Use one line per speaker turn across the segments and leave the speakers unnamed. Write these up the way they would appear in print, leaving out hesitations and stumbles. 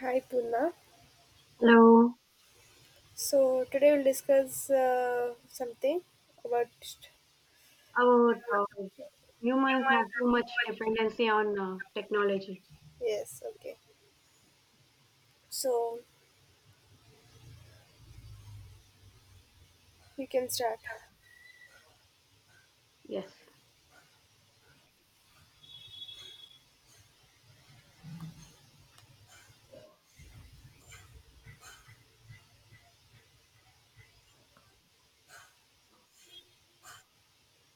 Hi Puna.
Hello,
So today we'll discuss something about.
about humans have too much dependency on technology.
Yes, okay. So you can start.
Yes,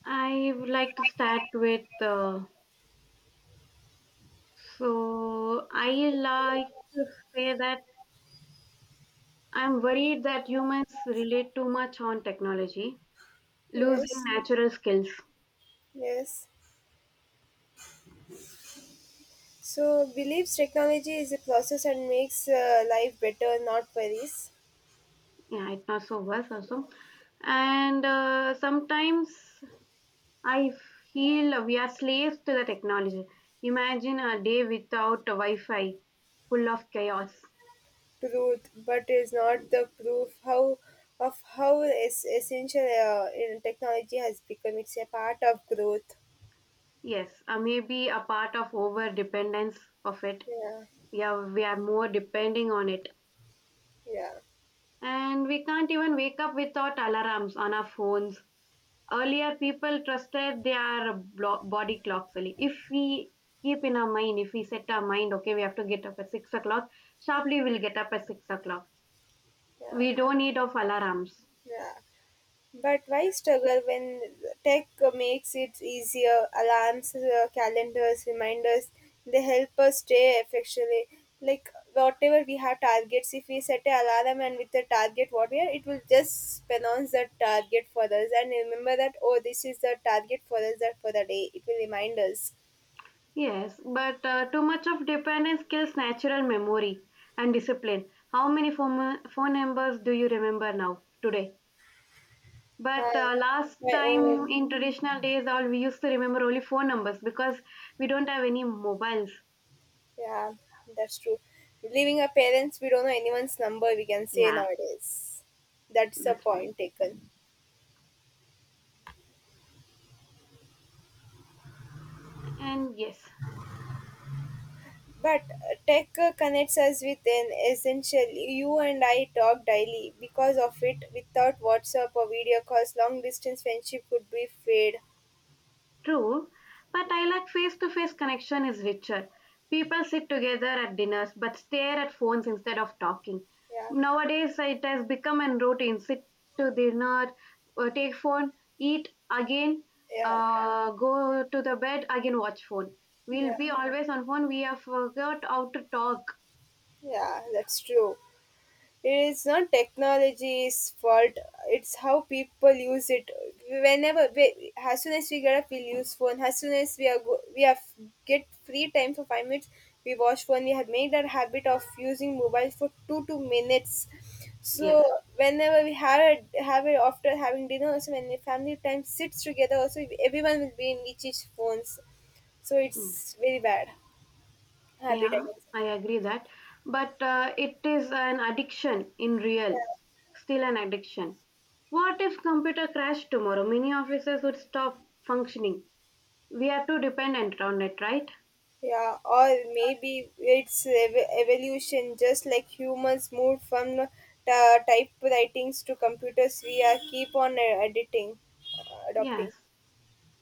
I would like to start with, so I like to say that I'm worried that humans relate too much on technology, losing
Yes,
natural skills.
yes. So believes technology is a process and makes life better, not worries.
Yeah, it not so worse also. And sometimes I feel we are slaves to the technology. Imagine a day without Wi-Fi, full of chaos.
Truth, but is not the proof how of how essential in technology has become. It's a part of growth.
Yes, maybe a part of over dependence of it.
Yeah,
Yeah, we are more depending on it.
yeah,
And we can't even wake up without alarms on our phones. Earlier, people trusted their body clocks only. If we keep in our mind, if we set our mind, okay, we have to get up at 6 o'clock, sharply we'll get up at 6 o'clock.
yeah,
We don't need of alarms.
yeah. But why struggle when tech makes it easier? Alarms, calendars, reminders, they help us stay effectually. Like whatever we have targets, if we set an alarm and with the target what we are, it will just pronounce the target for us and remember that oh this is the target for us that for the day. It will remind us.
Yes, but too much of dependence kills natural memory and discipline. How many phone numbers do you remember now, today? But
Hi,
last
my
time
own.
in traditional days, all we used to remember only phone numbers because we don't have any mobiles.
Yeah, that's true. Leaving our parents, we don't know anyone's number. We can say
Yeah,
nowadays. That's a
that's one.
point taken.
And yes,
But tech connects us with an essential. You and I talk daily because of it. Without WhatsApp or video calls, long distance friendship could be fade.
true. But I like face to face connection is richer. People sit together at dinners but stare at phones instead of talking.
Yeah,
Nowadays, it has become a routine sit to dinner, take phone, eat again,
yeah,
go to the bed, again, watch phone. We'll
yeah,
be always on phone. We have forgot how to talk.
yeah. That's true. It is not technology's fault, it's how people use it. Whenever, we, as soon as we get up, we use phone. As soon as we are go, we have get free time for 5 minutes, we watch phone. We have made that habit of using mobile for two minutes.
Yes.
So whenever we have a, have it after having dinner, also when the family time sits together, also everyone will be in each phones. So
Mm.
it's very bad habit,
Yeah,
I guess.
I agree that. But it is an addiction in real, still an addiction. What if computer crash tomorrow? Many offices would stop functioning. We are too dependent on it, right?
Yeah, or maybe it's evolution, just like humans moved from typewritings to computers, we are keep on editing,
Yes.
adopting.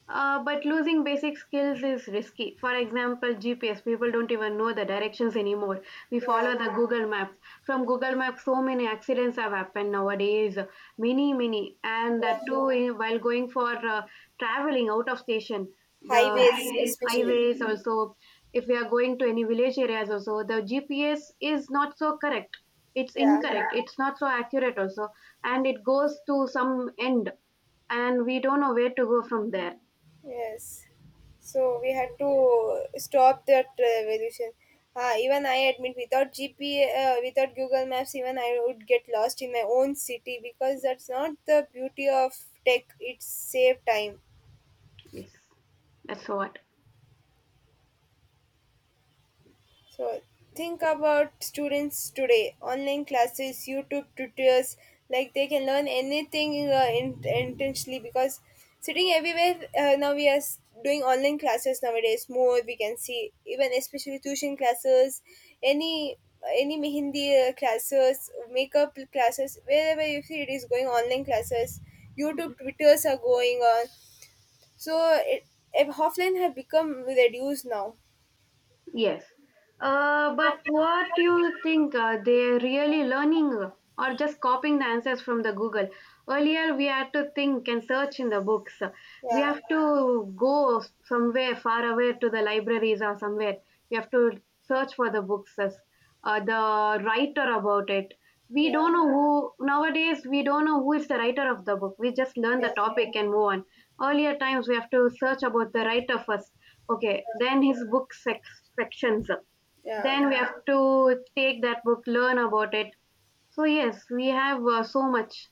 But losing basic skills is risky. For example, GPS, people don't even know the directions anymore. We follow
Yeah,
the Google Maps. From Google Maps, so many accidents have happened nowadays, many, many. And that
yeah,
too, eh, while going for traveling out of station, the
highways especially.
highways also, if we are going to any village areas also, the GPS is not so correct. It's
Yeah,
incorrect. It's not so accurate also. And it goes to some end, and we don't know where to go from there.
yes. So we had to stop that revolution. Even I admit, without GP, without Google Maps, even I would get lost in my own city because that's not the beauty of tech. It save time.
Yes, that's what.
So think about students today, online classes, YouTube tutors, like they can learn anything intentionally because sitting everywhere now we are doing online classes nowadays more we can see even especially tuition classes any any mehendi classes makeup classes wherever you see it is going online classes youtube twitters are going on so it, offline have become reduced now
Yes. But what do you think? They're really learning or just copying the answers from the Google? Earlier, we had to think and search in the books. We
yeah
have to go somewhere far away to the libraries or somewhere. We have to search for the books, the writer about it. We
yeah
don't know who, nowadays, we don't know who is the writer of the book. We just learn
yeah.
the topic and move on. Earlier times, we have to search about the writer first. Okay, then his book sections.
Yeah,
Then we have to take that book, learn about it. So, yes, we have so much.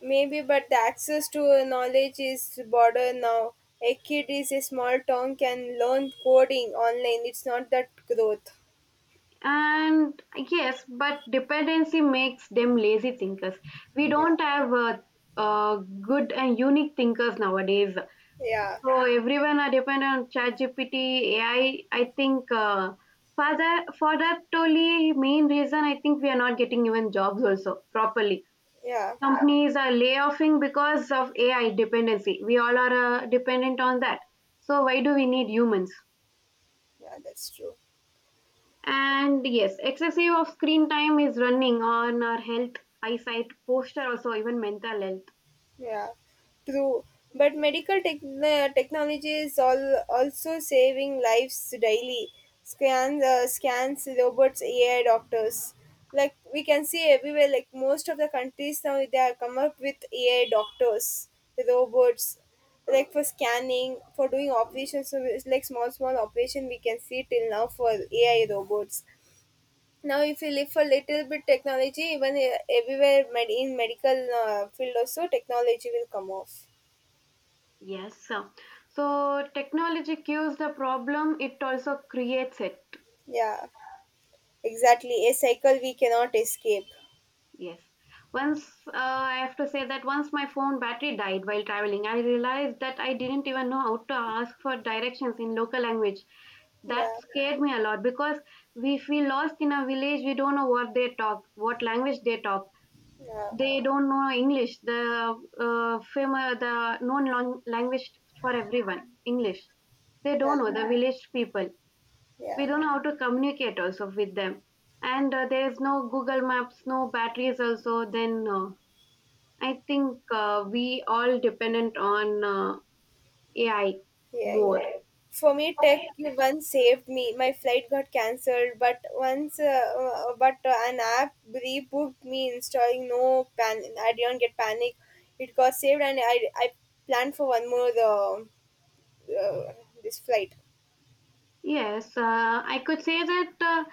maybe, but the access to knowledge is border now. A kid is a small town can learn coding online. It's not that growth.
And yes, but dependency makes them lazy thinkers. We
Yeah,
don't have uh, good and unique thinkers nowadays.
yeah,
So, everyone are dependent on ChatGPT, AI. I think for that, only main reason, I think we are not getting even jobs also properly.
yeah,
Companies are layoffing because of AI dependency. We all are dependent on that. So why do we need humans?
yeah. That's true.
And yes, excessive of screen time is running on our health, eyesight, posture, also even mental health.
Yeah, true. But medical technology is all also saving lives daily. Scans, robots, AI doctors. Like we can see everywhere. Like most of the countries now, they are come up with AI doctors, robots, like for scanning, for doing operations. So it's like small, small operation, we can see till now for AI robots. Now, if you live for little bit technology, even everywhere in medical field also, technology will come off.
Yes, sir. So technology cues the problem, it also creates it.
Yeah, exactly. A cycle we cannot escape.
Yes. Once I have to say that once my phone battery died while traveling, I realized that I didn't even know how to ask for directions in local language. That
Yeah,
scared me a lot because we feel lost in a village. We don't know what they talk, what language they talk.
yeah,
They don't know English, the famous, the known long language for everyone, English. They
yeah,
don't know the village people, we
yeah,
don't know how to communicate also with them. And there is no google maps, no batteries also. Then I think we all dependent on AI
yeah.
more.
For me, tech you once saved me. My flight got cancelled, but once, but an app rebooked me installing. No pan, I didn't get panic. It got saved, and I planned for one more uh, this flight.
Yes, I could say that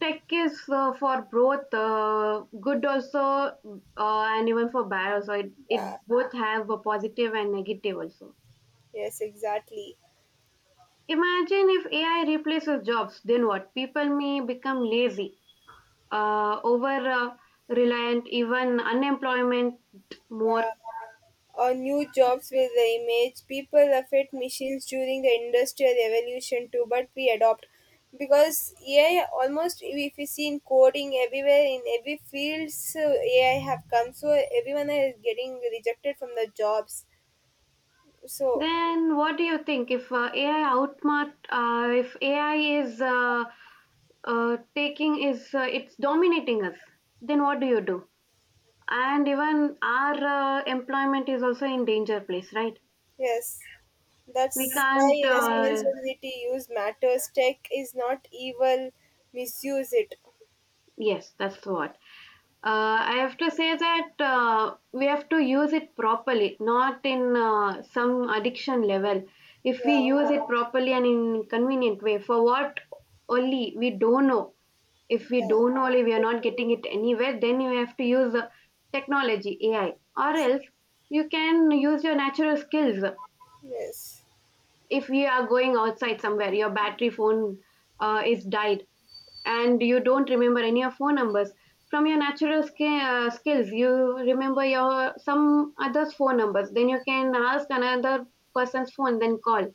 tech is for both good also and even for bad also. It,
Yeah,
it both have a positive and negative also.
Yes, exactly.
Imagine if AI replaces jobs, then what? People may become lazy over reliant, even unemployment more.
Yeah. Or new jobs with the image. People affect machines during the industrial revolution too, but we adopt because AI almost if you see in coding everywhere in every field, so AI have come. So everyone is getting rejected from the jobs. So
Then what do you think if AI if AI is taking is it's dominating us, then what do you do? And even our employment is also in danger place, right?
yes,
We
that's why
can't. Uh,
responsibility use matters. Tech is not evil. Misuse it.
yes, that's what. I have to say that we have to use it properly, not in some addiction level. If we
Yeah.
use it properly and in convenient way, for what only we don't know. If
yeah.
we don't know, only we are not getting it anywhere, then you have to use technology, AI, or
Yes.
else you can use your natural skills.
yes.
If we are going outside somewhere, your battery phone is died, and you don't remember any of phone numbers from your natural skills, you remember your some others phone numbers, then you can ask another person's phone, then call.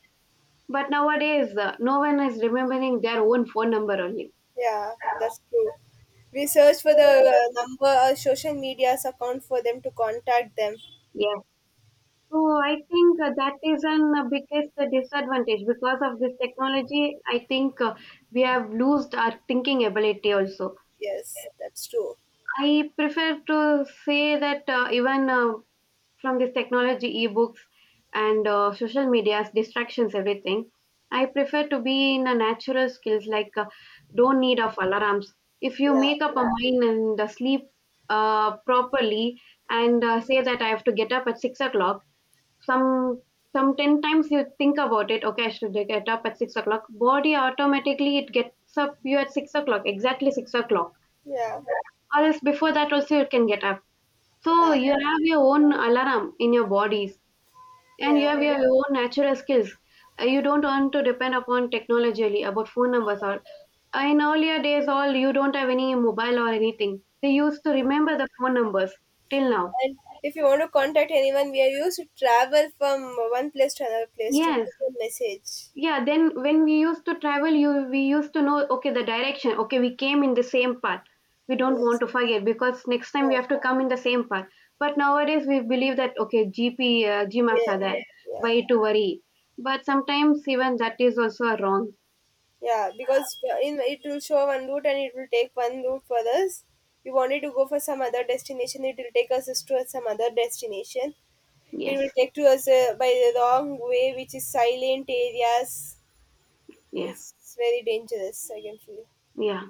But nowadays no one is remembering their own phone number only.
Yeah. That's true. We search for the number, or social media's account for them to contact them.
Yes, so I think that is an biggest disadvantage. Because of this technology I think we have lost our thinking ability also.
Yes, that's true.
I prefer to say that even from this technology, ebooks, and social media's distractions, everything. I prefer to be in a natural skills like don't need of alarms. If you
Yeah,
make up a mind and sleep properly and say that I have to get up at 6 o'clock, some some 10 times you think about it. Okay, I should get up at 6 o'clock. Body automatically it gets up you at 6 o'clock exactly 6 o'clock.
yeah,
Or else before that also you can get up. So
yeah,
you have your own alarm in your body. And you
yeah.
have your own natural skills. You don't want to depend upon technology really, about phone numbers or in earlier days all you don't have any mobile or anything. They used to remember the phone numbers till now.
And if you want to contact anyone, we are used to travel from one place to another place to
Yes.
put a message.
Yeah, then when we used to travel, you we used to know okay the direction. Okay, we came in the same path. We don't want
Yes.
to forget because next time we
Yeah.
have to come in the same path. But nowadays we believe that okay GP uh, G maps are
Yeah.
there.
Yeah.
Why to worry? But sometimes even that is also wrong.
Yeah. Because in it will show one route and it will take one route for us. We wanted to go for some other destination. It will take us to some other destination. It will
Yes.
take to us by the wrong way, which is silent areas.
Yeah,
Is very dangerous. I can feel.
yeah.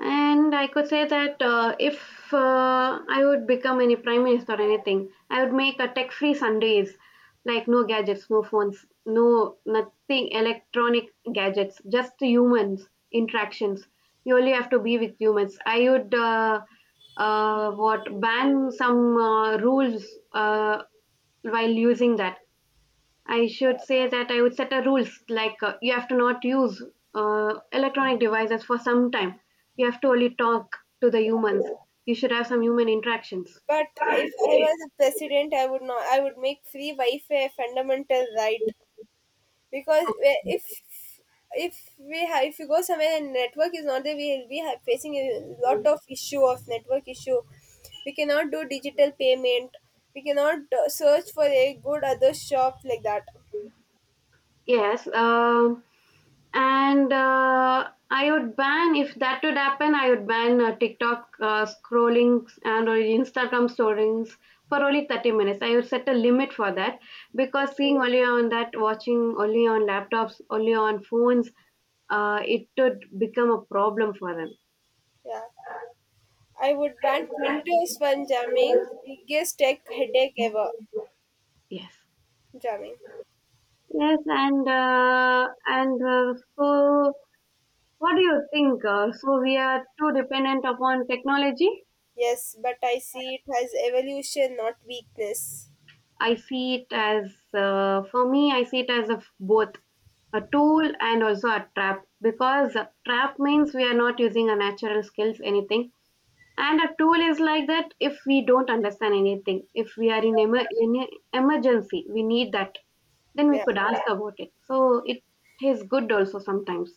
And I could say that if I would become any prime minister or anything, I would make a tech-free Sundays, like no gadgets, no phones, no nothing electronic gadgets, just humans interactions. You only have to be with humans. I would what ban some rules uh, while using that. I should say that I would set a rules like you have to not use electronic devices for some time. You have to only talk to the humans. You should have some human interactions.
But if I was a president, I would not. I would make free Wi-Fi a fundamental right because if if you go somewhere and network is not there, we will be facing a lot of issue of network issue. We cannot do digital payment. We cannot search for a good other shop like that.
Yes, and I would ban if that would happen. I would ban TikTok scrolling and or Instagram stories for only 30 minutes. I would set a limit for that because seeing only on that, watching only on laptops, only on phones, it would become a problem for them.
Yeah. I would ban Windows when jamming. Biggest tech headache ever.
Yes,
Jamming.
yes, and so what do you think? So we are too dependent upon technology.
Yes, but I see it as evolution, not weakness.
I see it as, for me, I see it as a, both a tool and also a trap, because a trap means we are not using our natural skills, anything. And a tool is like that if we don't understand anything, if we are in, in a emergency, we need that, then we
Yeah.
could ask about it. So it is good also sometimes.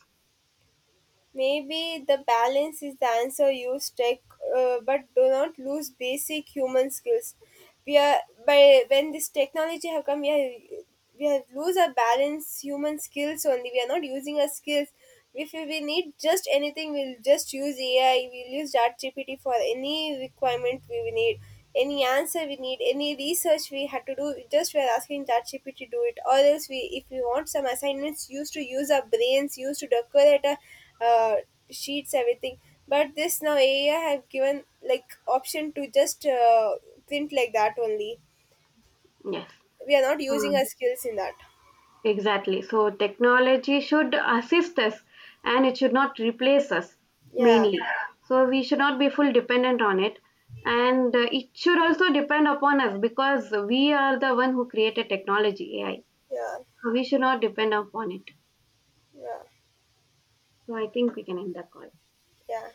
Maybe the balance is the answer. Use tech, but do not lose basic human skills. We are by when this technology have come we are we have lose our balance human skills only we are not using our skills if we need just anything we'll just use ai we'll use ChatGPT for any requirement we will need any answer we need any research we had to do just we're asking ChatGPT to do it or else we if we want some assignments used to use our brains used to decorate a sheets everything but this now ai have given like option to just print like that only
Yes.
we are not using
Hmm.
our skills in that
Exactly. So technology should assist us and it should not replace us
yeah
mainly. Yeah. So we should not be full dependent on it. And it should also depend upon us because we are the one who created technology, AI.
yeah
So we should not depend upon it.
yeah
So I think we can end the call.
yeah.